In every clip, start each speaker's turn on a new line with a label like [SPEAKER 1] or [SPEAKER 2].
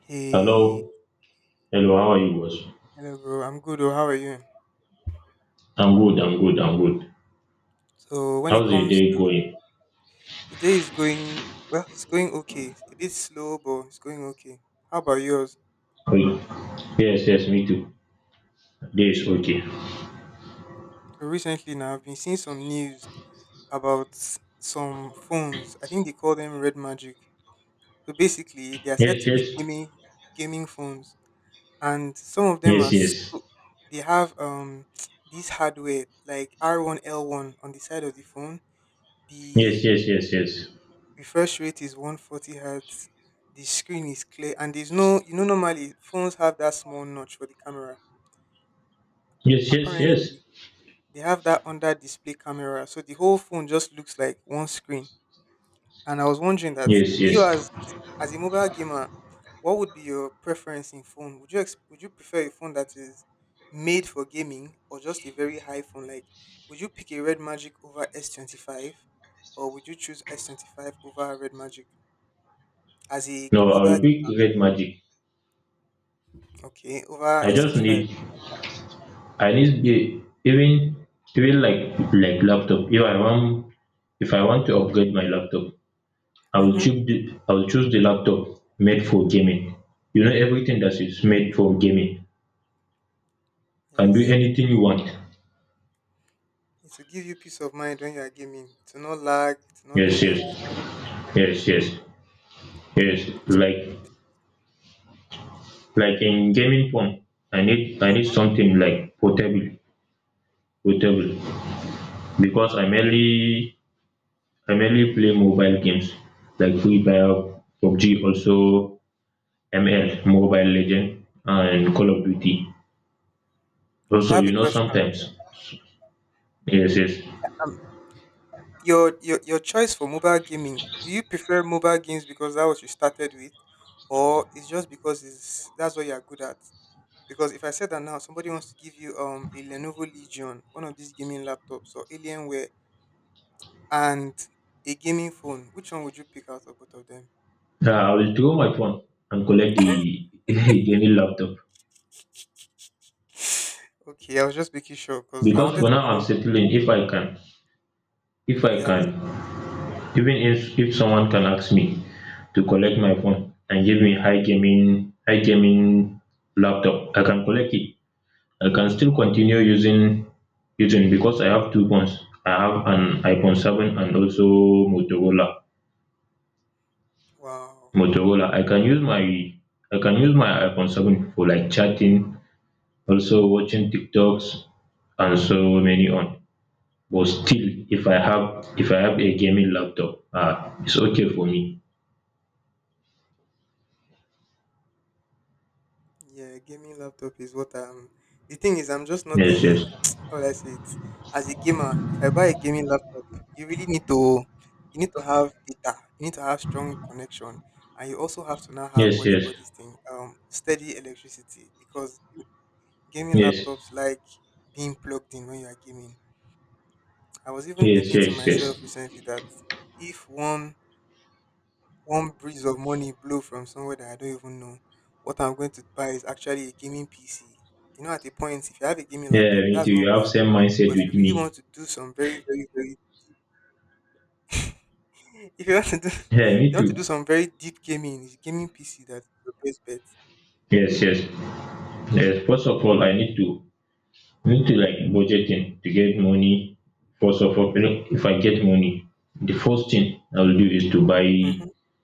[SPEAKER 1] Hey,
[SPEAKER 2] Hello. Hello, how are you, boss?
[SPEAKER 1] hello, bro. I'm good. Oh, how are you?
[SPEAKER 2] I'm good, I'm good, I'm good.
[SPEAKER 1] So when it
[SPEAKER 2] How's the
[SPEAKER 1] comes
[SPEAKER 2] day
[SPEAKER 1] to
[SPEAKER 2] going?
[SPEAKER 1] the day is going well, it's going okay. A bit slow, but it's going okay. How about yours?
[SPEAKER 2] Good. Yes, yes, me too. Day is okay.
[SPEAKER 1] So recently, now I've been seeing some news about some phones. I think they call them Red Magic. So basically, they are said
[SPEAKER 2] Yes,
[SPEAKER 1] to be
[SPEAKER 2] yes.
[SPEAKER 1] gaming phones, and some of them
[SPEAKER 2] Yes,
[SPEAKER 1] are so,
[SPEAKER 2] yes.
[SPEAKER 1] they have this hardware like R1 L1 on the side of the phone.
[SPEAKER 2] Yes,
[SPEAKER 1] The
[SPEAKER 2] yes, yes, yes.
[SPEAKER 1] refresh rate is 140 hertz. The screen is clear, and there's no, normally phones have that small notch for the camera.
[SPEAKER 2] Yes, yes, yes.
[SPEAKER 1] Apparently they have that under display camera, so the whole phone just looks like one screen. And I was wondering that
[SPEAKER 2] Yes,
[SPEAKER 1] you,
[SPEAKER 2] yes.
[SPEAKER 1] as a mobile gamer, what would be your preference in phone? Would you would you prefer a phone that is made for gaming or just a very high phone, like would you pick a Red Magic over S25, or would you choose S25 over Red Magic as a
[SPEAKER 2] No, I
[SPEAKER 1] mobile?
[SPEAKER 2] will pick Red Magic.
[SPEAKER 1] Okay, over
[SPEAKER 2] I just
[SPEAKER 1] S25.
[SPEAKER 2] need I need the even like laptop. If I want to upgrade my laptop, I will
[SPEAKER 1] Mm-hmm.
[SPEAKER 2] choose the I will choose the laptop made for gaming. You know everything that is made for gaming can do
[SPEAKER 1] Yes.
[SPEAKER 2] anything you want.
[SPEAKER 1] It will give you peace of mind when you are gaming. It will not lag, it will not do
[SPEAKER 2] Yes,
[SPEAKER 1] any of those
[SPEAKER 2] yes, yes, yes, yes.
[SPEAKER 1] things.
[SPEAKER 2] Like in gaming phone, I need
[SPEAKER 1] Mm.
[SPEAKER 2] something like portable, portable, because I mainly play mobile games like Free Fire, PUBG, also ML, Mobile Legend, and Call of Duty.
[SPEAKER 1] I
[SPEAKER 2] Also,
[SPEAKER 1] have a question.
[SPEAKER 2] sometimes, yes, yes,
[SPEAKER 1] Um, your choice for mobile gaming, do you prefer mobile games because that was you started with, or it's just because it's that's what you are good at? Because if I said that now, somebody wants to give you a Lenovo Legion, one of these gaming laptops, or Alienware, and a gaming phone, which one would you pick out of both of them?
[SPEAKER 2] I will throw my phone and collect the gaming laptop
[SPEAKER 1] Okay, I was just making sure because I
[SPEAKER 2] because
[SPEAKER 1] wanted
[SPEAKER 2] for
[SPEAKER 1] to
[SPEAKER 2] now I'm
[SPEAKER 1] know.
[SPEAKER 2] settling if I can, if I
[SPEAKER 1] Okay, I'm.
[SPEAKER 2] can Even if someone can ask me to collect my phone and give me high gaming laptop, I can collect it. I can still continue using because I have two phones. I have an iPhone 7 and also Motorola.
[SPEAKER 1] Wow.
[SPEAKER 2] I can use my iPhone 7 for like chatting, also watching TikToks and so many on. But still if I have a gaming laptop, ah, it's okay for me.
[SPEAKER 1] Yeah, gaming laptop is what I'm. The thing is, I'm just not
[SPEAKER 2] Yes, yes.
[SPEAKER 1] a. How will I say it? As a gamer, if I buy a gaming laptop, you really need to. You need to have data. You need to have strong connection, and you also have to now have
[SPEAKER 2] Yes,
[SPEAKER 1] what they
[SPEAKER 2] yes,
[SPEAKER 1] call this thing, steady electricity, because gaming
[SPEAKER 2] yes,
[SPEAKER 1] laptops like being plugged in when you are gaming. I was even
[SPEAKER 2] yes,
[SPEAKER 1] thinking to
[SPEAKER 2] yes, yes.
[SPEAKER 1] myself recently that if one breeze of money blow from somewhere that I don't even know. What I'm going to buy is actually a gaming PC. You know, at a point, if you have a gaming
[SPEAKER 2] Yeah,
[SPEAKER 1] laptop,
[SPEAKER 2] me too.
[SPEAKER 1] that's
[SPEAKER 2] You
[SPEAKER 1] not
[SPEAKER 2] have
[SPEAKER 1] bad.
[SPEAKER 2] same mindset
[SPEAKER 1] But if
[SPEAKER 2] with
[SPEAKER 1] you really
[SPEAKER 2] me.
[SPEAKER 1] want to do some very, very, very, if you want to do,
[SPEAKER 2] Yeah, me
[SPEAKER 1] you want to do
[SPEAKER 2] too.
[SPEAKER 1] some very deep gaming, it's gaming PC that's your best bet.
[SPEAKER 2] Yes, yes, yes. First of all, I need to like budgeting to get money. First of all, if I get money, the first thing I will do is to buy
[SPEAKER 1] Mm-hmm.
[SPEAKER 2] a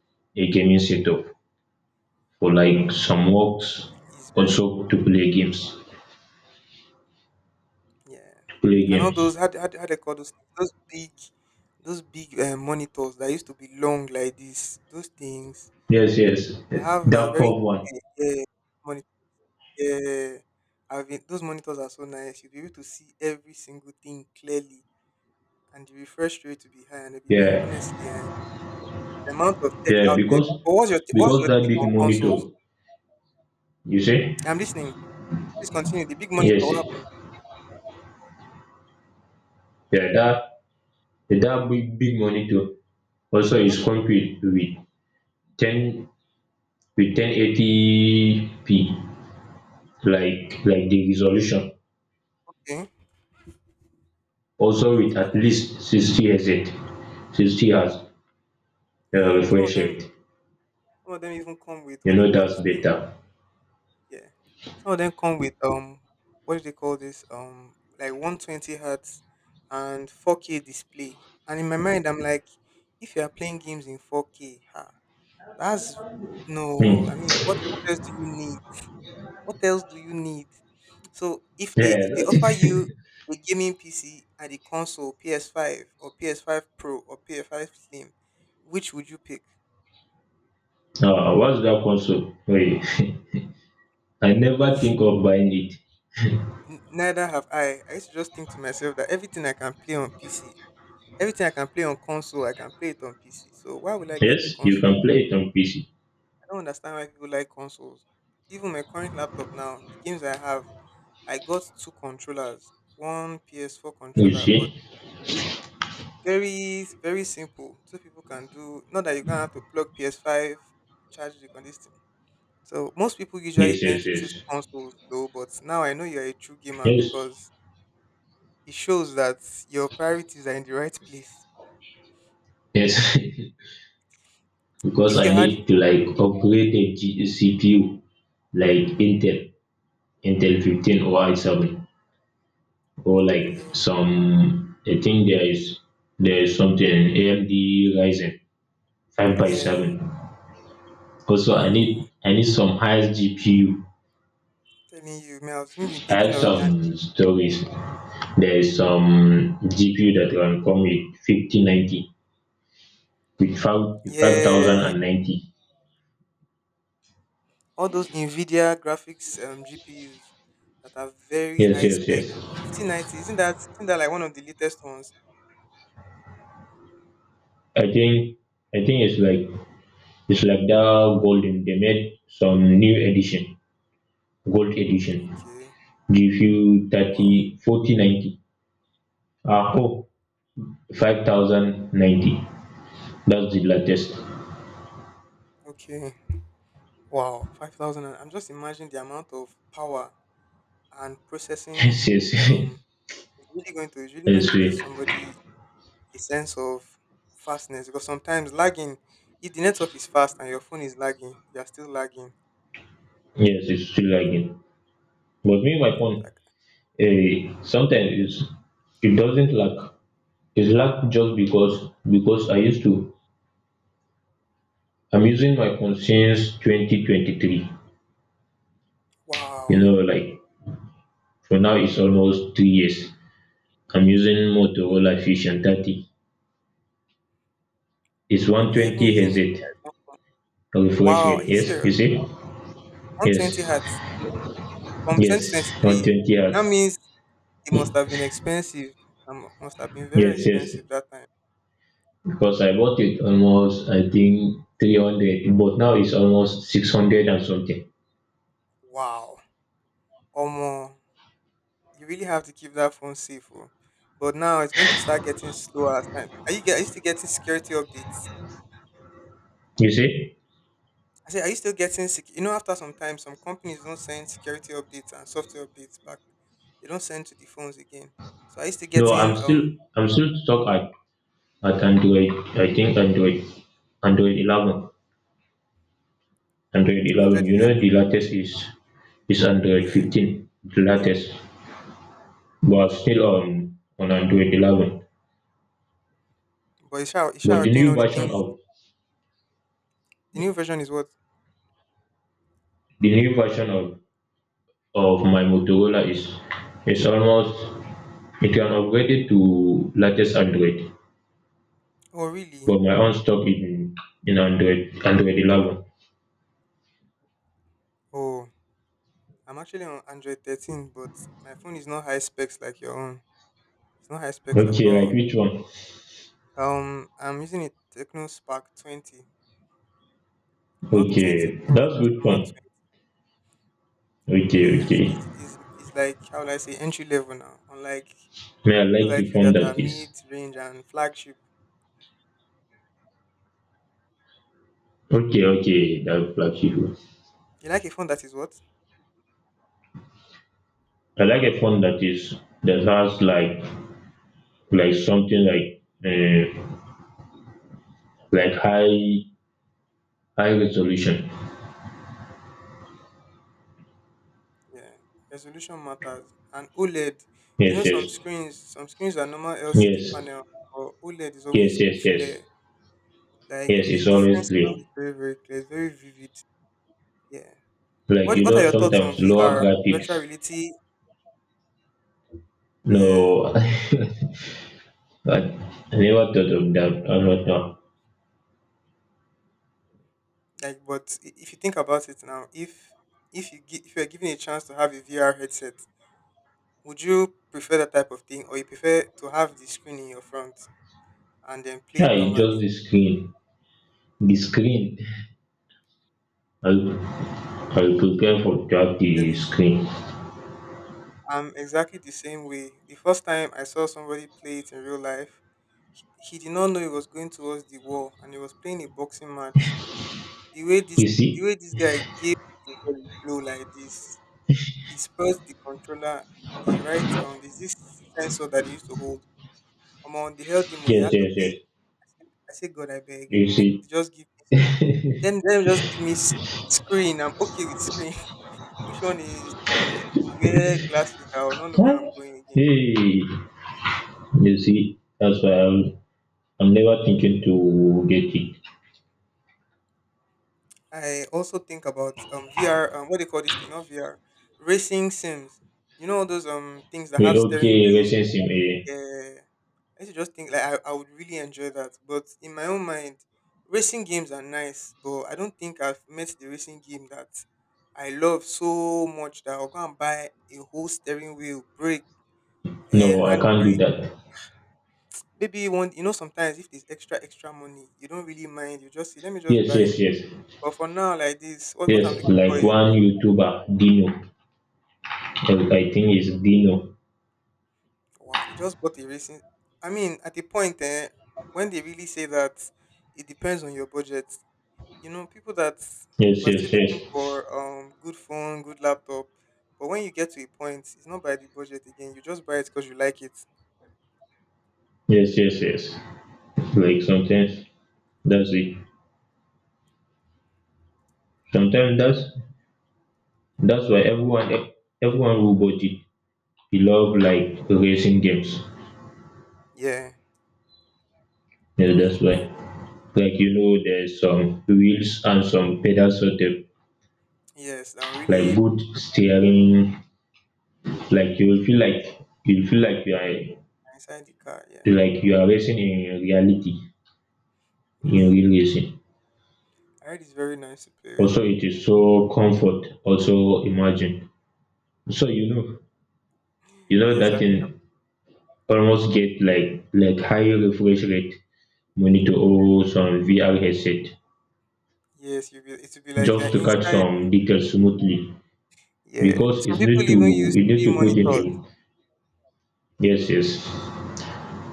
[SPEAKER 2] gaming setup for like some works,
[SPEAKER 1] It's very,
[SPEAKER 2] also to play games,
[SPEAKER 1] yeah.
[SPEAKER 2] to play
[SPEAKER 1] And all
[SPEAKER 2] games.
[SPEAKER 1] those, how, how they call those things? Those big monitors that used to be long like this. Those things
[SPEAKER 2] Yes, yes,
[SPEAKER 1] that have that are
[SPEAKER 2] that
[SPEAKER 1] very
[SPEAKER 2] curve one.
[SPEAKER 1] clear, yeah. Yeah, I've been, those monitors are so nice. You'll be able to see every single thing clearly, and the refresh rate to be high and everything.
[SPEAKER 2] Yeah,
[SPEAKER 1] Honestly, eh, the amount of tech
[SPEAKER 2] yeah,
[SPEAKER 1] out there.
[SPEAKER 2] because
[SPEAKER 1] But what's
[SPEAKER 2] because
[SPEAKER 1] your
[SPEAKER 2] that
[SPEAKER 1] take
[SPEAKER 2] big
[SPEAKER 1] on consoles?
[SPEAKER 2] monitor, you see.
[SPEAKER 1] I'm listening. Please continue. The big monitor.
[SPEAKER 2] Yes,
[SPEAKER 1] What happened?
[SPEAKER 2] Yeah, that big monitor also
[SPEAKER 1] Hmm.
[SPEAKER 2] is complete with ten 1080 p, like the resolution,
[SPEAKER 1] Okay.
[SPEAKER 2] also with
[SPEAKER 1] To be,
[SPEAKER 2] at least 60 hertz, sixty hertz
[SPEAKER 1] yeah.
[SPEAKER 2] refresh rate.
[SPEAKER 1] Some of them even come with
[SPEAKER 2] You
[SPEAKER 1] what they
[SPEAKER 2] know
[SPEAKER 1] call
[SPEAKER 2] that's
[SPEAKER 1] this thing.
[SPEAKER 2] better.
[SPEAKER 1] Yeah. Some of them come with what do they call this? Like 120 hertz and 4K display. And in my mind I'm like, if you are playing games in 4K, ha, that's no, I
[SPEAKER 2] Hmm.
[SPEAKER 1] mean what else do you need? What else do you need? So if they
[SPEAKER 2] Yeah,
[SPEAKER 1] offer you a gaming PC and a console, PS5 or PS5 Pro or PS5 Slim, which would you pick?
[SPEAKER 2] ah, what's that console? Wait, I never think of buying it.
[SPEAKER 1] Neither have I. I used to just think to myself that everything I can play on PC, everything I can play on console, I can play it on PC. So why would I
[SPEAKER 2] Yes,
[SPEAKER 1] get a
[SPEAKER 2] you can
[SPEAKER 1] console?
[SPEAKER 2] play it on PC,
[SPEAKER 1] I don't understand why people like consoles. Even my current laptop now, the games I have, I got two controllers, one PS4
[SPEAKER 2] you
[SPEAKER 1] controller, but
[SPEAKER 2] see.
[SPEAKER 1] very very simple. Two people can do. Not that you're gonna have to plug PS5, charge the on this thing. So most people usually
[SPEAKER 2] Yes,
[SPEAKER 1] tend
[SPEAKER 2] yes,
[SPEAKER 1] to choose
[SPEAKER 2] yes,
[SPEAKER 1] consoles though, but now I know you're a true gamer
[SPEAKER 2] yes,
[SPEAKER 1] because it shows that your priorities are in the right place.
[SPEAKER 2] yes, because
[SPEAKER 1] If
[SPEAKER 2] I
[SPEAKER 1] you had,
[SPEAKER 2] need to like upgrade the CPU, like Intel 15 or i7, or like
[SPEAKER 1] yeah,
[SPEAKER 2] some. I think there is something, AMD Ryzen 5 by 7.
[SPEAKER 1] yeah.
[SPEAKER 2] Also I need
[SPEAKER 1] Ooh.
[SPEAKER 2] I need some highest GPU.
[SPEAKER 1] Telling you, man, I was even
[SPEAKER 2] I have
[SPEAKER 1] thinking of and
[SPEAKER 2] some stories. There is some GPU that can come with 5090, with 5
[SPEAKER 1] yeah,
[SPEAKER 2] 5090.
[SPEAKER 1] all those Nvidia graphics GPUs that are very
[SPEAKER 2] Yes,
[SPEAKER 1] high
[SPEAKER 2] yes,
[SPEAKER 1] spec.
[SPEAKER 2] yes,
[SPEAKER 1] 5090, isn't that like one of the latest ones?
[SPEAKER 2] I think I think it's like that golden. They made some new edition, gold edition.
[SPEAKER 1] Okay.
[SPEAKER 2] Give you thirty
[SPEAKER 1] Wow.
[SPEAKER 2] forty ninety? Ah, oh, 5090. That's the latest.
[SPEAKER 1] Okay. Wow. Five thousand. I'm just imagining the amount of power and processing
[SPEAKER 2] Yes, yes.
[SPEAKER 1] um is really
[SPEAKER 2] I
[SPEAKER 1] going to
[SPEAKER 2] swear.
[SPEAKER 1] give somebody a sense of fastness because sometimes lagging, if the network is fast and your phone is lagging, you are still lagging.
[SPEAKER 2] Yes, it's still lagging. But me, my
[SPEAKER 1] It's
[SPEAKER 2] phone,
[SPEAKER 1] like
[SPEAKER 2] eh, sometimes it doesn't lag. It's lag just because I used to. I'm using my phone since 2023. You
[SPEAKER 1] wow.
[SPEAKER 2] know, like for now it's almost 3 years. I'm using Motorola Fusion 30. It's
[SPEAKER 1] You're even
[SPEAKER 2] 120
[SPEAKER 1] using the
[SPEAKER 2] Hz
[SPEAKER 1] phone well.
[SPEAKER 2] refresh
[SPEAKER 1] Wow, are
[SPEAKER 2] rate.
[SPEAKER 1] you
[SPEAKER 2] Yes, you
[SPEAKER 1] serious?
[SPEAKER 2] see?
[SPEAKER 1] 120
[SPEAKER 2] Yes,
[SPEAKER 1] hertz from
[SPEAKER 2] yes,
[SPEAKER 1] 2023.
[SPEAKER 2] 120
[SPEAKER 1] That
[SPEAKER 2] hertz.
[SPEAKER 1] means it must have been expensive. Must have been very
[SPEAKER 2] Yes, yes.
[SPEAKER 1] expensive that time.
[SPEAKER 2] Because I bought it almost, I think, 300, but now it's almost 600 and something.
[SPEAKER 1] Wow. Omo, you really have to keep that phone safe. Oh. But now it's going to start getting slower as time. Are you still getting security updates?
[SPEAKER 2] You see?
[SPEAKER 1] I say, are you still getting, you know, after some time, some companies don't send security updates and software updates back. They don't send to the phones again. So are you still
[SPEAKER 2] No, I'm
[SPEAKER 1] getting
[SPEAKER 2] still, I'm still stuck at Android. I think Android 11,
[SPEAKER 1] Android
[SPEAKER 2] You know,
[SPEAKER 1] 11?
[SPEAKER 2] the latest is Android
[SPEAKER 1] Yeah.
[SPEAKER 2] 15, the
[SPEAKER 1] Yeah.
[SPEAKER 2] latest. But still on Android 11.
[SPEAKER 1] But Isha,
[SPEAKER 2] But
[SPEAKER 1] Isha,
[SPEAKER 2] the
[SPEAKER 1] do you
[SPEAKER 2] new
[SPEAKER 1] know the
[SPEAKER 2] version
[SPEAKER 1] things?
[SPEAKER 2] of
[SPEAKER 1] The new version is what?
[SPEAKER 2] the new version of my Motorola is almost. You can upgrade it to latest Android,
[SPEAKER 1] Oh, really?
[SPEAKER 2] but my own stock in Android 11.
[SPEAKER 1] Oh, I'm actually on Android 13, but my phone is not high specs like your own. It's not high specs at
[SPEAKER 2] Okay, like
[SPEAKER 1] all.
[SPEAKER 2] which one?
[SPEAKER 1] I'm using a Techno Spark 20, not 20
[SPEAKER 2] Okay,
[SPEAKER 1] Pro,
[SPEAKER 2] that's
[SPEAKER 1] just
[SPEAKER 2] good
[SPEAKER 1] normal
[SPEAKER 2] phone.
[SPEAKER 1] 20.
[SPEAKER 2] Okay,
[SPEAKER 1] Yes,
[SPEAKER 2] okay.
[SPEAKER 1] it's like how will I say entry level now. Unlike
[SPEAKER 2] May I like
[SPEAKER 1] people
[SPEAKER 2] the
[SPEAKER 1] like you
[SPEAKER 2] phone
[SPEAKER 1] that are
[SPEAKER 2] that is.
[SPEAKER 1] mid range and flagship.
[SPEAKER 2] Okay, okay, that flagship one.
[SPEAKER 1] You like a phone that is what?
[SPEAKER 2] I like a phone that has like something like high resolution.
[SPEAKER 1] Yeah, resolution matters. And OLED, you
[SPEAKER 2] Yes,
[SPEAKER 1] know,
[SPEAKER 2] yes,
[SPEAKER 1] some screens are normal LCD
[SPEAKER 2] yes.
[SPEAKER 1] panel, but OLED is
[SPEAKER 2] Yes,
[SPEAKER 1] always
[SPEAKER 2] yes, yes.
[SPEAKER 1] clear. Like
[SPEAKER 2] Yes,
[SPEAKER 1] the
[SPEAKER 2] it's
[SPEAKER 1] difference
[SPEAKER 2] always
[SPEAKER 1] is
[SPEAKER 2] green.
[SPEAKER 1] always very, very clear. It's very vivid. Yeah.
[SPEAKER 2] Like,
[SPEAKER 1] What are your thoughts on
[SPEAKER 2] sometimes lower
[SPEAKER 1] VR, virtual
[SPEAKER 2] graphics.
[SPEAKER 1] reality? Yeah.
[SPEAKER 2] No, but I never thought of that. I'm not now.
[SPEAKER 1] Like, but if you think about it now, if if you are given a chance to have a VR headset, would you prefer that type of thing, or you prefer to have the screen in your front and then play
[SPEAKER 2] Yeah,
[SPEAKER 1] it
[SPEAKER 2] it's just
[SPEAKER 1] normally?
[SPEAKER 2] the screen. The screen. I'll, I'll prepare for that
[SPEAKER 1] Tell
[SPEAKER 2] the
[SPEAKER 1] me
[SPEAKER 2] screen.
[SPEAKER 1] I'm exactly the same way. The first time I saw somebody play it in real life, he did not know it was going towards the wall, and he was playing a boxing match. The way this
[SPEAKER 2] You
[SPEAKER 1] the
[SPEAKER 2] see?
[SPEAKER 1] way this guy gave the ball a blow like this, he spelt the controller, the right there's this sensor that he used to hold. Among they held him, oh, he
[SPEAKER 2] Yes,
[SPEAKER 1] had to
[SPEAKER 2] yes, yes.
[SPEAKER 1] pay. I said, God I beg.
[SPEAKER 2] You
[SPEAKER 1] Make
[SPEAKER 2] see?
[SPEAKER 1] just give me. Then, me, just give me screen. I'm okay with screen. Which one is to wear glasses? I will not know where I'm
[SPEAKER 2] What?
[SPEAKER 1] going again.
[SPEAKER 2] Hey, you see? That's why I'm never thinking to get it.
[SPEAKER 1] I also think about VR what do you call this thing? Not VR, racing sims. You know all those things that
[SPEAKER 2] Wait,
[SPEAKER 1] have steering
[SPEAKER 2] okay,
[SPEAKER 1] wheels.
[SPEAKER 2] racing sim. Eh.
[SPEAKER 1] Yeah, I used to just think like I would really enjoy that. But in my own mind, racing games are nice, but I don't think I've met the racing game that I love so much that I'll go and buy a whole steering wheel, brake,
[SPEAKER 2] No, I can't do
[SPEAKER 1] handbrake.
[SPEAKER 2] that.
[SPEAKER 1] Maybe one, you know, sometimes if there's extra extra money, you don't really mind. You just say, let me just
[SPEAKER 2] Yes,
[SPEAKER 1] buy it.
[SPEAKER 2] yes, yes.
[SPEAKER 1] But for now, like this, what
[SPEAKER 2] Yes,
[SPEAKER 1] I'm looking for.
[SPEAKER 2] like one YouTuber, Dino. Yes, I think it's Dino.
[SPEAKER 1] Wow, you just bought a racing. I mean, at a point, eh, when they really say that it depends on your budget, you know, people that
[SPEAKER 2] Yes,
[SPEAKER 1] were
[SPEAKER 2] yes,
[SPEAKER 1] still looking for
[SPEAKER 2] yes.
[SPEAKER 1] good phone, good laptop, but when you get to a point, it's not by the budget again. You just buy it because you like it.
[SPEAKER 2] Yes, yes, yes. Like sometimes that's it. Sometimes that's why everyone who bought it, he love like racing games.
[SPEAKER 1] Yeah,
[SPEAKER 2] Yeah,
[SPEAKER 1] just
[SPEAKER 2] that's why.
[SPEAKER 1] depends.
[SPEAKER 2] Like, there's some wheels and some pedals, sort of
[SPEAKER 1] Yes, that will
[SPEAKER 2] like
[SPEAKER 1] really
[SPEAKER 2] good
[SPEAKER 1] work
[SPEAKER 2] steering. Like, you will feel like
[SPEAKER 1] inside the car. Yeah,
[SPEAKER 2] you are racing in reality, in
[SPEAKER 1] yes.
[SPEAKER 2] real racing.
[SPEAKER 1] I heard it's very nice to play with.
[SPEAKER 2] Also it is so comfort, also imagine. So,
[SPEAKER 1] Yes, I,
[SPEAKER 2] that in almost get like high refresh rate monitor or some VR headset
[SPEAKER 1] yes, you will. It will be like you're
[SPEAKER 2] just to catch
[SPEAKER 1] inside.
[SPEAKER 2] some details smoothly,
[SPEAKER 1] Yeah,
[SPEAKER 2] because
[SPEAKER 1] some
[SPEAKER 2] it's
[SPEAKER 1] people
[SPEAKER 2] need to
[SPEAKER 1] even use
[SPEAKER 2] you need
[SPEAKER 1] three
[SPEAKER 2] to put it
[SPEAKER 1] monitors.
[SPEAKER 2] in. Yes, yes,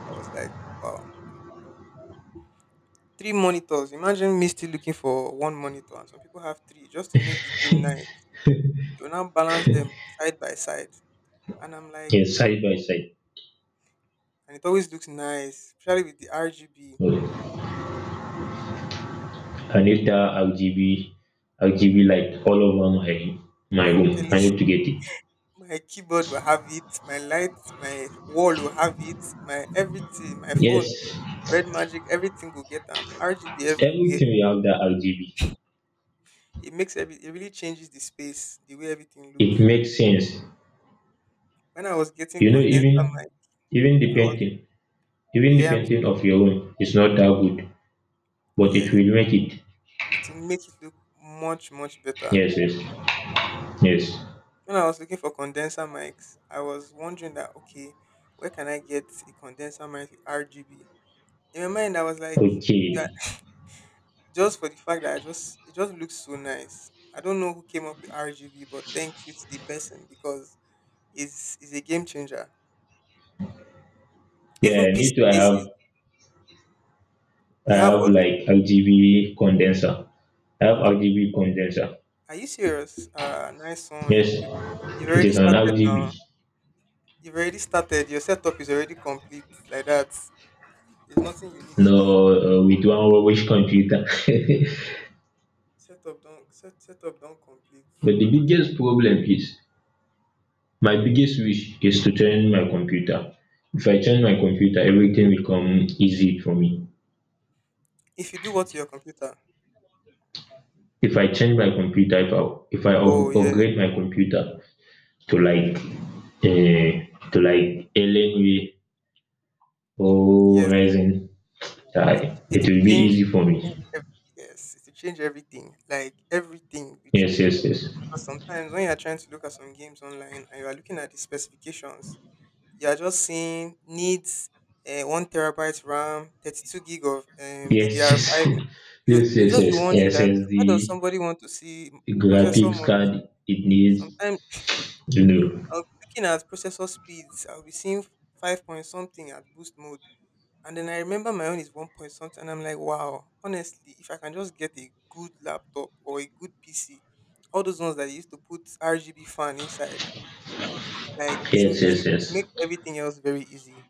[SPEAKER 1] I was like, wow. 3 monitors. Imagine me still looking for one monitor, and some people have 3 just to make the game nice. You now balance them side by side, and I'm like,
[SPEAKER 2] yes,
[SPEAKER 1] "Ah,"
[SPEAKER 2] side by side.
[SPEAKER 1] and it always looks nice, especially with the RGB.
[SPEAKER 2] Yeah, I need that RGB light all over my
[SPEAKER 1] I'm
[SPEAKER 2] room.
[SPEAKER 1] telling
[SPEAKER 2] I need to get it.
[SPEAKER 1] you, my keyboard will have it, my light, my wall will have it, my everything, my phone,
[SPEAKER 2] Yes,
[SPEAKER 1] Red Magic, everything will get RGB
[SPEAKER 2] everything
[SPEAKER 1] everywhere.
[SPEAKER 2] we have that RGB.
[SPEAKER 1] It makes every, it really changes the space, the way everything
[SPEAKER 2] It
[SPEAKER 1] looks.
[SPEAKER 2] makes sense.
[SPEAKER 1] When I was getting
[SPEAKER 2] You know,
[SPEAKER 1] condenser
[SPEAKER 2] even
[SPEAKER 1] mic,
[SPEAKER 2] even the
[SPEAKER 1] I was
[SPEAKER 2] painting even the
[SPEAKER 1] yeah, I'm
[SPEAKER 2] painting of your own is not that good, but it
[SPEAKER 1] yeah.
[SPEAKER 2] will make it.
[SPEAKER 1] It will make it look much much better.
[SPEAKER 2] Yes, yes, yes.
[SPEAKER 1] When I was looking for condenser mics, I was wondering that okay, where can I get a condenser mic with RGB? In my mind, I was like, yeah,
[SPEAKER 2] Okay,
[SPEAKER 1] just for the fact that I just it just looks so nice. I don't know who came up with RGB, but thank you to the person because it's a game changer. Even
[SPEAKER 2] yeah,
[SPEAKER 1] PC
[SPEAKER 2] me too. I have
[SPEAKER 1] cases,
[SPEAKER 2] I
[SPEAKER 1] you have
[SPEAKER 2] have
[SPEAKER 1] what?
[SPEAKER 2] like RGB condenser. I have RGB condenser.
[SPEAKER 1] Are you serious? Nice one. You,
[SPEAKER 2] Yes,
[SPEAKER 1] you you've
[SPEAKER 2] it
[SPEAKER 1] already
[SPEAKER 2] is an
[SPEAKER 1] started now.
[SPEAKER 2] RGB.
[SPEAKER 1] You've already started. Your setup is already complete like that. There's nothing you need again.
[SPEAKER 2] No, with one rubbish computer.
[SPEAKER 1] Setup don't setup don't complete.
[SPEAKER 2] But the biggest problem is, my biggest wish is to turn my computer. If I turn my computer, everything will come easy for me.
[SPEAKER 1] If you do what to your computer,
[SPEAKER 2] If I change my computer, if I
[SPEAKER 1] oh yeah,
[SPEAKER 2] upgrade my computer to like a to like Alienware or
[SPEAKER 1] yes.
[SPEAKER 2] Ryzen,
[SPEAKER 1] It it
[SPEAKER 2] it will be easy
[SPEAKER 1] change,
[SPEAKER 2] for
[SPEAKER 1] change
[SPEAKER 2] me.
[SPEAKER 1] ev- yes, it will change everything. Like everything will
[SPEAKER 2] Yes,
[SPEAKER 1] change.
[SPEAKER 2] yes, yes,
[SPEAKER 1] Because sometimes when you are trying to look at some games online and you are looking at the specifications, you are just seeing needs 1 terabyte RAM, 32 gig of
[SPEAKER 2] yes,
[SPEAKER 1] DDR five. You
[SPEAKER 2] yes, yes,
[SPEAKER 1] you
[SPEAKER 2] yes,
[SPEAKER 1] just be
[SPEAKER 2] yes.
[SPEAKER 1] wondering that why does
[SPEAKER 2] SSD,
[SPEAKER 1] somebody want to see processor
[SPEAKER 2] graphics
[SPEAKER 1] must
[SPEAKER 2] card, it needs
[SPEAKER 1] sometimes.
[SPEAKER 2] you know.
[SPEAKER 1] I'll be looking at processor speeds. I'll be seeing five point something at boost mode. And then I remember my own is one point something. And I'm like, wow, honestly, if I can just get a good laptop or a good PC, all those ones that they used to put RGB fan inside, like it's to,
[SPEAKER 2] Yes,
[SPEAKER 1] it's
[SPEAKER 2] yes,
[SPEAKER 1] to,
[SPEAKER 2] yes,
[SPEAKER 1] make everything else very easy.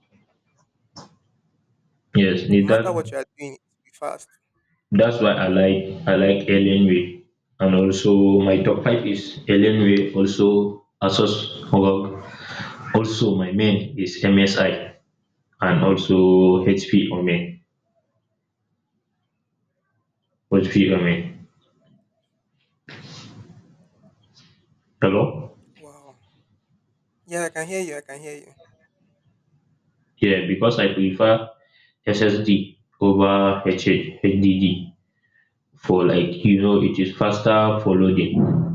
[SPEAKER 2] yes. Need.
[SPEAKER 1] No matter what
[SPEAKER 2] That
[SPEAKER 1] you are doing, it will be fast.
[SPEAKER 2] that's why I like Alienware, and also my top five is Alienware, also Asus ROG. Also my main is MSI, and also HP on main. HP on main. Hello?
[SPEAKER 1] Wow. Yeah, I can hear you. I can hear you.
[SPEAKER 2] Yeah, because I prefer SSD over HDD, for like, it is faster for loading.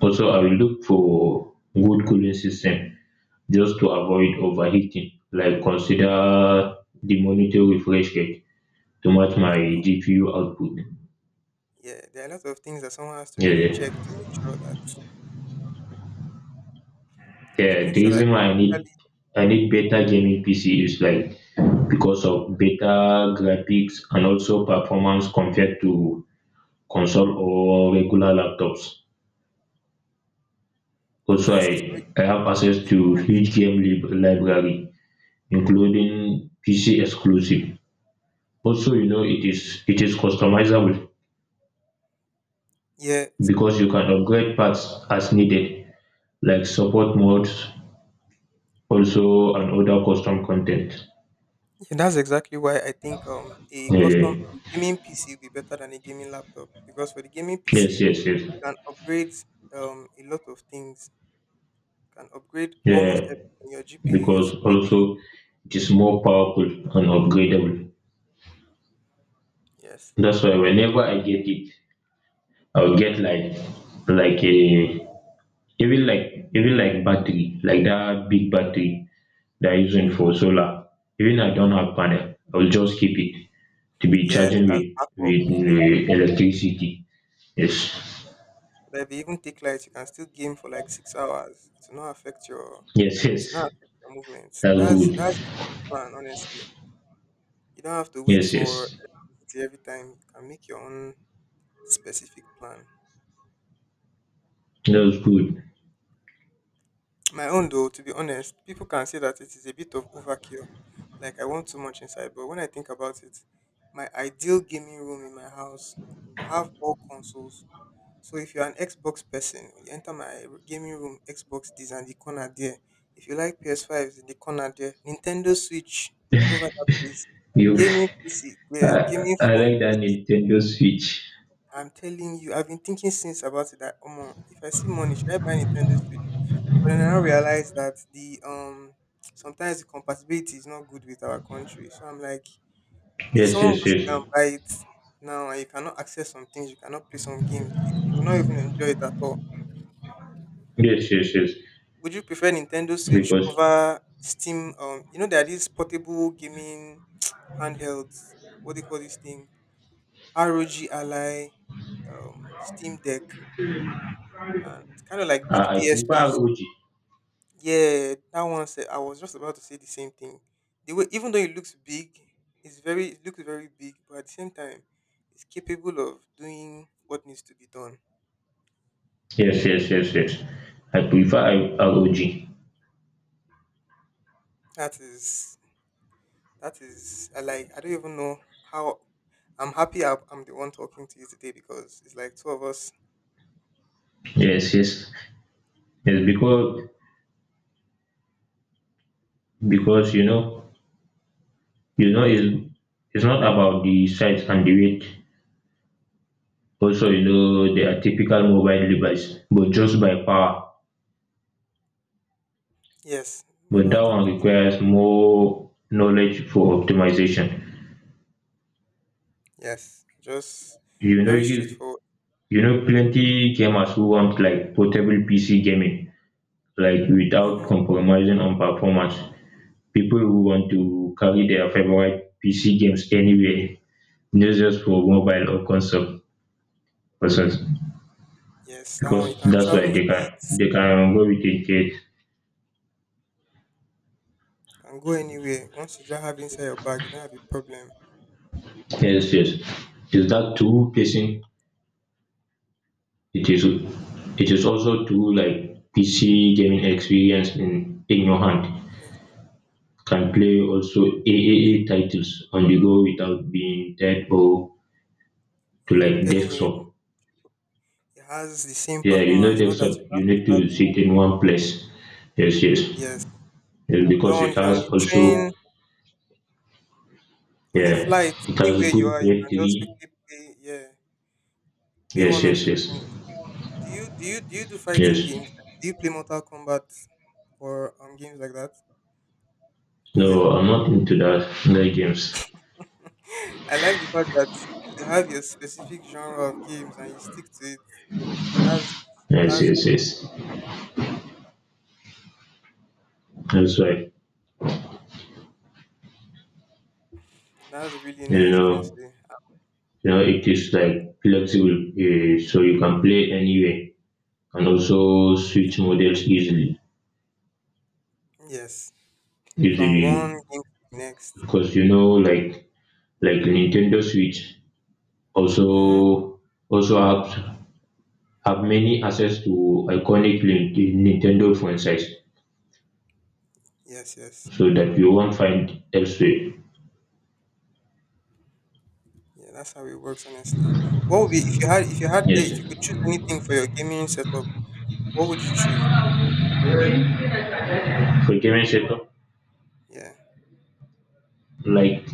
[SPEAKER 2] Also I will look for good cooling system, just to avoid overheating. Like consider the monitor refresh rate to match my
[SPEAKER 1] Oh,
[SPEAKER 2] GPU output.
[SPEAKER 1] yeah, there are a lot of things that someone has to
[SPEAKER 2] Yeah,
[SPEAKER 1] really check
[SPEAKER 2] yeah,
[SPEAKER 1] to make sure that to
[SPEAKER 2] yeah,
[SPEAKER 1] make
[SPEAKER 2] the
[SPEAKER 1] sure that
[SPEAKER 2] reason why I need
[SPEAKER 1] actually,
[SPEAKER 2] I need better gaming PC is like because of better graphics, and also performance compared to console or regular laptops. Also,
[SPEAKER 1] yes,
[SPEAKER 2] I have
[SPEAKER 1] to
[SPEAKER 2] access
[SPEAKER 1] make a
[SPEAKER 2] to
[SPEAKER 1] difference.
[SPEAKER 2] huge game library, including PC exclusive. Also, it is customizable,
[SPEAKER 1] Yeah,
[SPEAKER 2] because you can upgrade parts as needed, like support modes, also and other custom content.
[SPEAKER 1] yeah, that's exactly why I think a
[SPEAKER 2] Yeah,
[SPEAKER 1] custom
[SPEAKER 2] yeah.
[SPEAKER 1] gaming PC will be better than a gaming laptop because for the gaming PC
[SPEAKER 2] Yes,
[SPEAKER 1] you
[SPEAKER 2] yes, yes.
[SPEAKER 1] can upgrade a lot of things. You can upgrade
[SPEAKER 2] Yeah,
[SPEAKER 1] almost everything, your GPU, your
[SPEAKER 2] because
[SPEAKER 1] CPU.
[SPEAKER 2] also it is more powerful and upgradable.
[SPEAKER 1] Yes.
[SPEAKER 2] That's why whenever I get it, I'll get like a, even like battery, like that big battery that I'm using
[SPEAKER 1] Mm.
[SPEAKER 2] for solar. Even I don't have panel, I'll just keep it to be
[SPEAKER 1] Yes,
[SPEAKER 2] charging
[SPEAKER 1] as
[SPEAKER 2] with
[SPEAKER 1] backup,
[SPEAKER 2] with
[SPEAKER 1] yes.
[SPEAKER 2] electricity. Yes,
[SPEAKER 1] But if you even take light, you can still game for like 6 hours. It will not affect your
[SPEAKER 2] yes,
[SPEAKER 1] it will
[SPEAKER 2] yes.
[SPEAKER 1] not affect your movements.
[SPEAKER 2] That's
[SPEAKER 1] That's
[SPEAKER 2] good.
[SPEAKER 1] that's the plan, honestly. You don't have to wait
[SPEAKER 2] Yes,
[SPEAKER 1] for
[SPEAKER 2] yes.
[SPEAKER 1] everything every time. You can make your own specific plan.
[SPEAKER 2] That's good.
[SPEAKER 1] My own though, to be honest, people can say that it is a bit of overkill. Like I want too much inside, but when I think about it, my ideal gaming room in my house will have all consoles. So if you're an Xbox person, you enter my gaming room, Xbox this and the corner there. If you like PS5s in the corner there, Nintendo Switch over that place,
[SPEAKER 2] You,
[SPEAKER 1] gaming PC there,
[SPEAKER 2] I,
[SPEAKER 1] gaming
[SPEAKER 2] I
[SPEAKER 1] phone.
[SPEAKER 2] like that Nintendo Switch.
[SPEAKER 1] I'm telling you, I've been thinking since about it that if I see money, should I buy Nintendo Switch? But then I now realize that the sometimes the compatibility is not good with our country. So I'm like, if
[SPEAKER 2] Yes,
[SPEAKER 1] someone
[SPEAKER 2] yes,
[SPEAKER 1] goes to go
[SPEAKER 2] yes,
[SPEAKER 1] and buy it now and you cannot access some things, you cannot play some games, you will not even enjoy it at all.
[SPEAKER 2] yes, yes, yes.
[SPEAKER 1] Would you prefer Nintendo Switch
[SPEAKER 2] Because
[SPEAKER 1] over Steam? You know there are these portable gaming handhelds. What do you call this thing? ROG Ally, Steam Deck. And kind of like big
[SPEAKER 2] I prefer
[SPEAKER 1] PSPs.
[SPEAKER 2] ROG.
[SPEAKER 1] Yeah, that one said I was just about to say the same thing. The way, even though it looks big, it looks very big, but at the same time, it's capable of doing what needs to be done.
[SPEAKER 2] Yes, yes, yes, yes. I prefer ROG.
[SPEAKER 1] That is that is, I like, I don't even know how. I'm happy I'm the one talking to you today because it's like two of us.
[SPEAKER 2] Yes, yes, yes. Because you know it's it's not about the size and the weight. Also, they are typical mobile device, but just by power.
[SPEAKER 1] Yes,
[SPEAKER 2] But that
[SPEAKER 1] about it.
[SPEAKER 2] one requires more knowledge for optimization.
[SPEAKER 1] Yes, just
[SPEAKER 2] You know
[SPEAKER 1] very
[SPEAKER 2] you,
[SPEAKER 1] straightforward.
[SPEAKER 2] you know plenty gamers who want like portable PC gaming, like without
[SPEAKER 1] Mm-hmm.
[SPEAKER 2] compromising on performance. People who want to carry their favorite PC games anywhere, not just for mobile or consoles,
[SPEAKER 1] Yes, that one you
[SPEAKER 2] because
[SPEAKER 1] can
[SPEAKER 2] that's why
[SPEAKER 1] travel with
[SPEAKER 2] they can
[SPEAKER 1] it.
[SPEAKER 2] they can go with it. Yes.
[SPEAKER 1] Can go anywhere. Once you just have inside your bag, you don't have a problem.
[SPEAKER 2] Yes, yes. Is that true person? It is also true, like PC gaming experience in your hand,
[SPEAKER 1] Yes,
[SPEAKER 2] can play also AAA titles on the go without being tied or to
[SPEAKER 1] I'm
[SPEAKER 2] like
[SPEAKER 1] telling you,
[SPEAKER 2] desktop.
[SPEAKER 1] it has the same
[SPEAKER 2] Yeah, you know
[SPEAKER 1] performance. Not that
[SPEAKER 2] desktop
[SPEAKER 1] you have
[SPEAKER 2] you
[SPEAKER 1] to
[SPEAKER 2] need
[SPEAKER 1] start.
[SPEAKER 2] to sit in one place. Yes, yes.
[SPEAKER 1] Yes,
[SPEAKER 2] Yes,
[SPEAKER 1] that
[SPEAKER 2] because
[SPEAKER 1] one.
[SPEAKER 2] it
[SPEAKER 1] If you're on
[SPEAKER 2] has
[SPEAKER 1] the train,
[SPEAKER 2] also,
[SPEAKER 1] on a
[SPEAKER 2] yeah,
[SPEAKER 1] flight,
[SPEAKER 2] it has
[SPEAKER 1] anywhere you
[SPEAKER 2] good
[SPEAKER 1] are, you
[SPEAKER 2] tier
[SPEAKER 1] can just
[SPEAKER 2] three.
[SPEAKER 1] quickly play. Yeah, play
[SPEAKER 2] Yes,
[SPEAKER 1] one or
[SPEAKER 2] yes,
[SPEAKER 1] two
[SPEAKER 2] yes,
[SPEAKER 1] things. Do you do fighting
[SPEAKER 2] yes.
[SPEAKER 1] games? Do you play Mortal Kombat or games like that? Or
[SPEAKER 2] No, I'm not into that games.
[SPEAKER 1] I like the fact that you have your specific genre of games and you stick to it. That's
[SPEAKER 2] Yes,
[SPEAKER 1] that's really
[SPEAKER 2] yes, yes.
[SPEAKER 1] really-
[SPEAKER 2] That's why,
[SPEAKER 1] that's really
[SPEAKER 2] you
[SPEAKER 1] nice,
[SPEAKER 2] know,
[SPEAKER 1] honestly.
[SPEAKER 2] it is like flexible, eh, so you can play anywhere and also switch models easily,
[SPEAKER 1] Yes. From one
[SPEAKER 2] easily.
[SPEAKER 1] game to the next.
[SPEAKER 2] Because, like Nintendo Switch
[SPEAKER 1] Mm-hmm.
[SPEAKER 2] also also have many access to iconic Nintendo franchise,
[SPEAKER 1] Yes, yes.
[SPEAKER 2] so that you won't find elsewhere.
[SPEAKER 1] Yeah, that's how it works honestly. What would be
[SPEAKER 2] Yes,
[SPEAKER 1] if you could choose anything for your gaming setup, what would you choose?
[SPEAKER 2] so give me a second.
[SPEAKER 1] Yeah.
[SPEAKER 2] Like,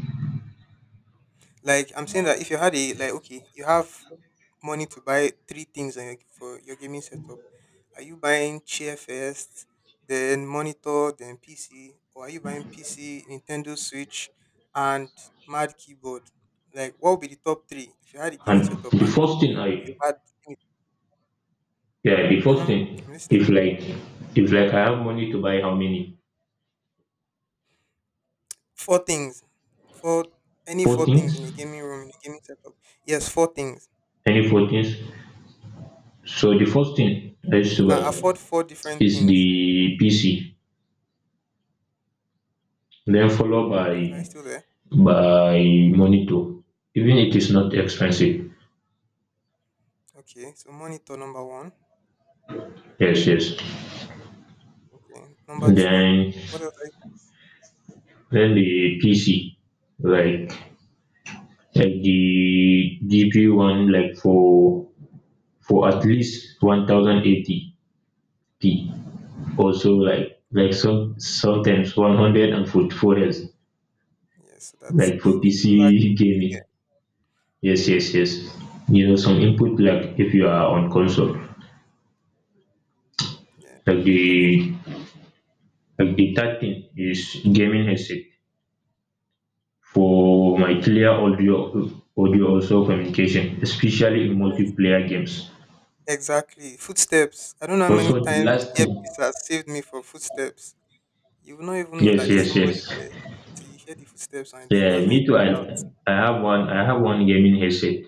[SPEAKER 1] Like I'm saying that if you had a like okay, you have money to buy three things on for your gaming setup. Are you buying chair first, then monitor, then PC, or are you buying PC, Nintendo Switch, and mad keyboard? Like what would be the top three if you had a gaming
[SPEAKER 2] and
[SPEAKER 1] setup
[SPEAKER 2] the
[SPEAKER 1] and
[SPEAKER 2] first thing
[SPEAKER 1] you
[SPEAKER 2] I,
[SPEAKER 1] had.
[SPEAKER 2] yeah, the first
[SPEAKER 1] Mm-hmm.
[SPEAKER 2] thing,
[SPEAKER 1] I'm listening.
[SPEAKER 2] if like, I have money to buy, how many?
[SPEAKER 1] Four things. Four Any
[SPEAKER 2] Four
[SPEAKER 1] four things in
[SPEAKER 2] things?
[SPEAKER 1] a gaming room in a gaming setup. Yes, four things.
[SPEAKER 2] Any four things? So the first thing I used
[SPEAKER 1] You
[SPEAKER 2] to
[SPEAKER 1] can
[SPEAKER 2] buy
[SPEAKER 1] afford four different
[SPEAKER 2] is
[SPEAKER 1] things.
[SPEAKER 2] the PC, then followed
[SPEAKER 1] Hello, are you
[SPEAKER 2] by
[SPEAKER 1] still there?
[SPEAKER 2] by monitor. Even it is not expensive.
[SPEAKER 1] Okay, so monitor number one.
[SPEAKER 2] Yes, yes.
[SPEAKER 1] Okay, number two.
[SPEAKER 2] Then
[SPEAKER 1] What else? Are
[SPEAKER 2] then the PC, like Like the GPU one, like for at least 1080p, also like some, sometimes 144 hertz,
[SPEAKER 1] you? Yes, so that
[SPEAKER 2] like
[SPEAKER 1] there
[SPEAKER 2] for
[SPEAKER 1] will be no lag in
[SPEAKER 2] PC gaming.
[SPEAKER 1] between there.
[SPEAKER 2] Yes,
[SPEAKER 1] Mm-hmm.
[SPEAKER 2] yes, yes, you know some input lag if you are on console.
[SPEAKER 1] Yeah,
[SPEAKER 2] like
[SPEAKER 1] totally.
[SPEAKER 2] the
[SPEAKER 1] Makes
[SPEAKER 2] like the third thing is gaming headset for my clear audio, also communication, especially in
[SPEAKER 1] sense.
[SPEAKER 2] multiplayer games.
[SPEAKER 1] Exactly. Footsteps. I don't know how many
[SPEAKER 2] Also, the
[SPEAKER 1] times
[SPEAKER 2] last thing.
[SPEAKER 1] earpiece has saved me for footsteps. You will not even know
[SPEAKER 2] Yes,
[SPEAKER 1] that it's
[SPEAKER 2] yes, yes.
[SPEAKER 1] somebody there until you hear the footsteps, and then
[SPEAKER 2] Yeah,
[SPEAKER 1] that's when you
[SPEAKER 2] me too. I
[SPEAKER 1] find out.
[SPEAKER 2] I have one I have one gaming headset.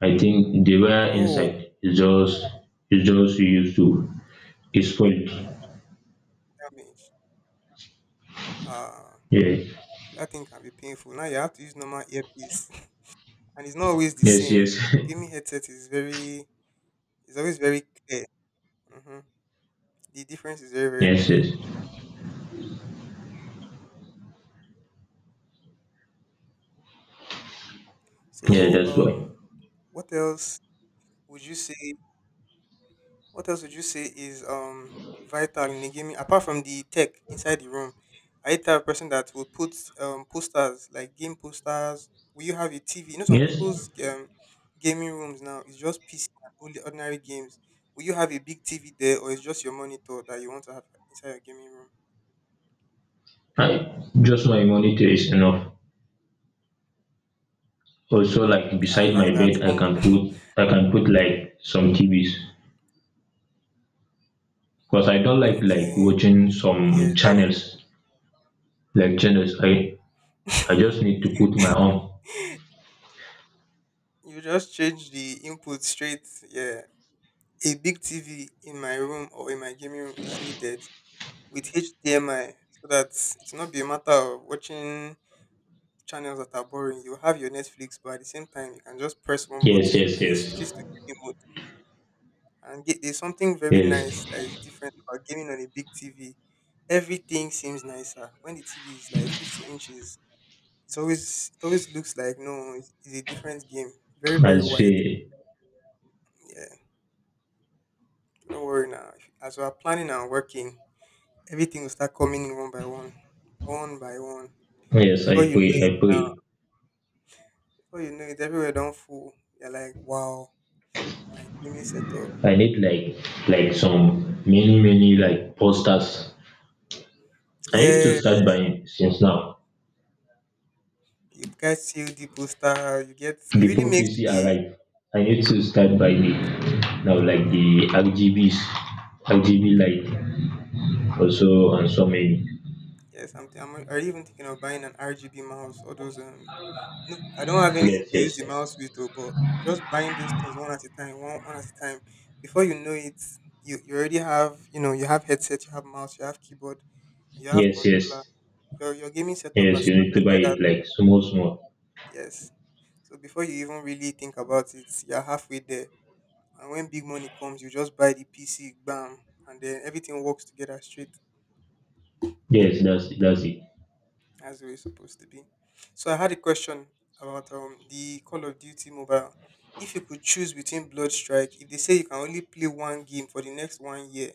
[SPEAKER 2] I think the wire
[SPEAKER 1] Oh,
[SPEAKER 2] inside is just, used to, is spoiled.
[SPEAKER 1] damage. Ah,
[SPEAKER 2] Yeah.
[SPEAKER 1] that thing can be painful. Now you have to use normal earpiece, and it's not always the
[SPEAKER 2] Yes,
[SPEAKER 1] same.
[SPEAKER 2] yes.
[SPEAKER 1] Gaming headset is very, it's always very clear. Hmm. The difference is very very
[SPEAKER 2] Yes,
[SPEAKER 1] clear.
[SPEAKER 2] yes. Yeah,
[SPEAKER 1] So,
[SPEAKER 2] that's why.
[SPEAKER 1] what else would you say? What else would you say is vital in a gaming apart from the tech inside the room? Are you the type of person that will put posters like game posters? Will you have a TV? You know, some
[SPEAKER 2] Yes.
[SPEAKER 1] people's gaming rooms now is just PC and only ordinary games. Will you have a big TV there, or it's just your monitor that you want to have inside your gaming room?
[SPEAKER 2] I just, my monitor is enough. Also, like
[SPEAKER 1] Ah, I
[SPEAKER 2] beside my
[SPEAKER 1] like that
[SPEAKER 2] bed, I
[SPEAKER 1] humble.
[SPEAKER 2] can put I can put like some TVs. Because I don't like
[SPEAKER 1] Okay.
[SPEAKER 2] watching
[SPEAKER 1] Yeah,
[SPEAKER 2] some
[SPEAKER 1] that's
[SPEAKER 2] channels, like channels. I just need to put my own.
[SPEAKER 1] you just change the input straight. Yeah. A big TV in my room or in my gaming room is needed, with HDMI so that it's not be a matter of watching channels that are boring. You have your Netflix, but at the same time, you can just press one
[SPEAKER 2] Yes,
[SPEAKER 1] button
[SPEAKER 2] yes,
[SPEAKER 1] and it
[SPEAKER 2] yes.
[SPEAKER 1] switches to gaming mode. And get, there's something very nice
[SPEAKER 2] Yes.
[SPEAKER 1] that is different about gaming on a big TV. Everything seems nicer when the TV is like 50 inches. It always looks like no, it's a different game. Very
[SPEAKER 2] I
[SPEAKER 1] very wide.
[SPEAKER 2] say
[SPEAKER 1] Yeah, don't worry now. As we are planning and working, everything will start coming in one by one, one by one.
[SPEAKER 2] yes,
[SPEAKER 1] Before
[SPEAKER 2] I
[SPEAKER 1] you
[SPEAKER 2] pray,
[SPEAKER 1] know it,
[SPEAKER 2] I pray.
[SPEAKER 1] Everywhere don't full. You're like, wow, my gaming setup.
[SPEAKER 2] I need like some many like posters. I need to
[SPEAKER 1] Yeah,
[SPEAKER 2] start buying since now,
[SPEAKER 1] you guys see the poster. You get it really
[SPEAKER 2] before
[SPEAKER 1] makes
[SPEAKER 2] PC
[SPEAKER 1] the
[SPEAKER 2] arrive. I need to start buying it now, like the RGBs, RGB light, also and so many.
[SPEAKER 1] yes. I'm already even thinking of buying an RGB mouse. All those no, I don't have anything
[SPEAKER 2] Yes,
[SPEAKER 1] to use
[SPEAKER 2] yes,
[SPEAKER 1] the
[SPEAKER 2] yes,
[SPEAKER 1] mouse with, though, but just buying those things one at a time, one at a time. Before you know it, you already have you have headset, you have mouse, you have keyboard, you have
[SPEAKER 2] yes,
[SPEAKER 1] controller.
[SPEAKER 2] yes,
[SPEAKER 1] Your gaming setup has
[SPEAKER 2] yes. You need to
[SPEAKER 1] started
[SPEAKER 2] buy
[SPEAKER 1] like that.
[SPEAKER 2] it like small, small.
[SPEAKER 1] Yes. So before you even really think about it, you're halfway there. And when big money comes, you just buy the PC, bam, and then everything works together straight
[SPEAKER 2] Yes, that's it.
[SPEAKER 1] as it was supposed to be. So I had a question about the Call of Duty mobile. If you could choose between Blood Strike, if they say you can only play one game for the next one year,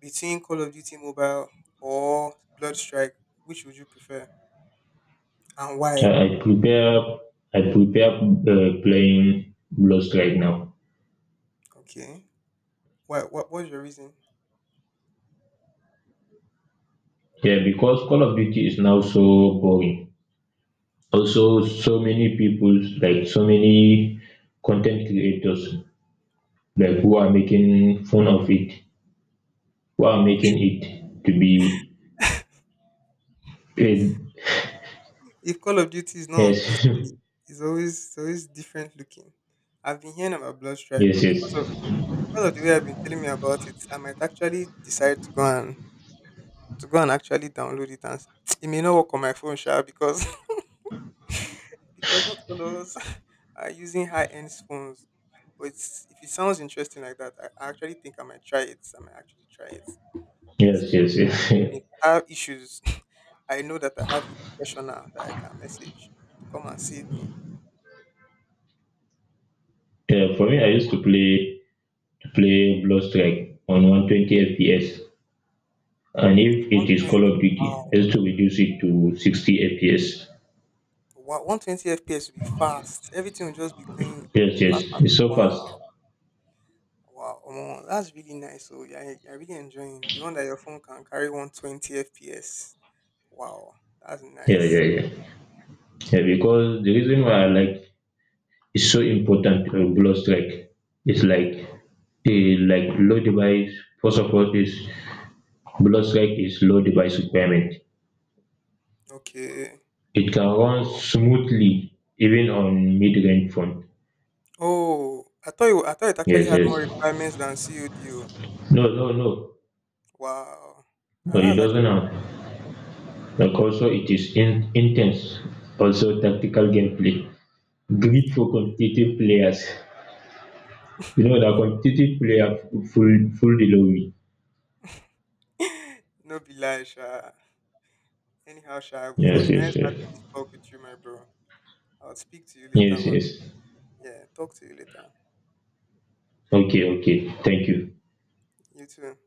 [SPEAKER 1] between Call of Duty mobile or Blood Strike, which would you prefer and
[SPEAKER 2] I,
[SPEAKER 1] why?
[SPEAKER 2] I prepare, I prepare playing Lost right now.
[SPEAKER 1] Okay, why? What was your reason?
[SPEAKER 2] Yeah, because Call of Duty is now so boring. Also, so many people, like so many content creators, like who are making fun of it, who are making it to be paid.
[SPEAKER 1] If Call of Duty is not on
[SPEAKER 2] Yes,
[SPEAKER 1] PC, it's always different looking. I've been hearing about Blood Strike,
[SPEAKER 2] yes,
[SPEAKER 1] but because of
[SPEAKER 2] yes,
[SPEAKER 1] Because of the way I've been telling me about it, I might actually decide to go and actually download it and it may not work on my phone, sure, because because not all of us are using high end phones. But it's, if it sounds interesting like that, I actually think I might try it. I might actually try it and see
[SPEAKER 2] yes,
[SPEAKER 1] how
[SPEAKER 2] yes,
[SPEAKER 1] it's like. And
[SPEAKER 2] yes.
[SPEAKER 1] if I have issues, I know that I have a professional that I can message to come and save me.
[SPEAKER 2] Yeah, for me, I used to play Strike on 120 FPS, and if it is Call
[SPEAKER 1] 120,
[SPEAKER 2] of Duty,
[SPEAKER 1] wow.
[SPEAKER 2] I used to reduce it to 60 FPS.
[SPEAKER 1] Wow, 120 FPS will be fast. Everything will just be going
[SPEAKER 2] Yes, yes,
[SPEAKER 1] fast, fast.
[SPEAKER 2] it's so fast.
[SPEAKER 1] Wow. Wow, omo, that's really nice. So yeah, you're really enjoying the one that your phone can carry 120 FPS. Wow, that's
[SPEAKER 2] Yeah, yeah,
[SPEAKER 1] nice.
[SPEAKER 2] yeah. Yeah, because the reason why I like it's so important to blood strike is like a low device. First of all, is blood strike is low device requirement.
[SPEAKER 1] Okay.
[SPEAKER 2] It can run
[SPEAKER 1] Oh,
[SPEAKER 2] smoothly even on mid-range phone.
[SPEAKER 1] oh, I thought it actually
[SPEAKER 2] Yes,
[SPEAKER 1] had more
[SPEAKER 2] yes.
[SPEAKER 1] requirements than COD. Oh.
[SPEAKER 2] No, no, no.
[SPEAKER 1] Wow,
[SPEAKER 2] No,
[SPEAKER 1] now
[SPEAKER 2] it
[SPEAKER 1] that's
[SPEAKER 2] doesn't
[SPEAKER 1] actually
[SPEAKER 2] have. Like also, it is intense. Also, tactical gameplay. Great for competitive players.
[SPEAKER 1] nice.
[SPEAKER 2] You know the competitive player, full delivery.
[SPEAKER 1] No be lie, Sha. Anyhow, Sha, it
[SPEAKER 2] Yes,
[SPEAKER 1] was
[SPEAKER 2] yes,
[SPEAKER 1] nice
[SPEAKER 2] yes.
[SPEAKER 1] having this talk with you, my bro. I'll speak to you later
[SPEAKER 2] Yes,
[SPEAKER 1] on.
[SPEAKER 2] yes.
[SPEAKER 1] Yeah, talk to you later.
[SPEAKER 2] Okay, okay. Thank you.
[SPEAKER 1] You too.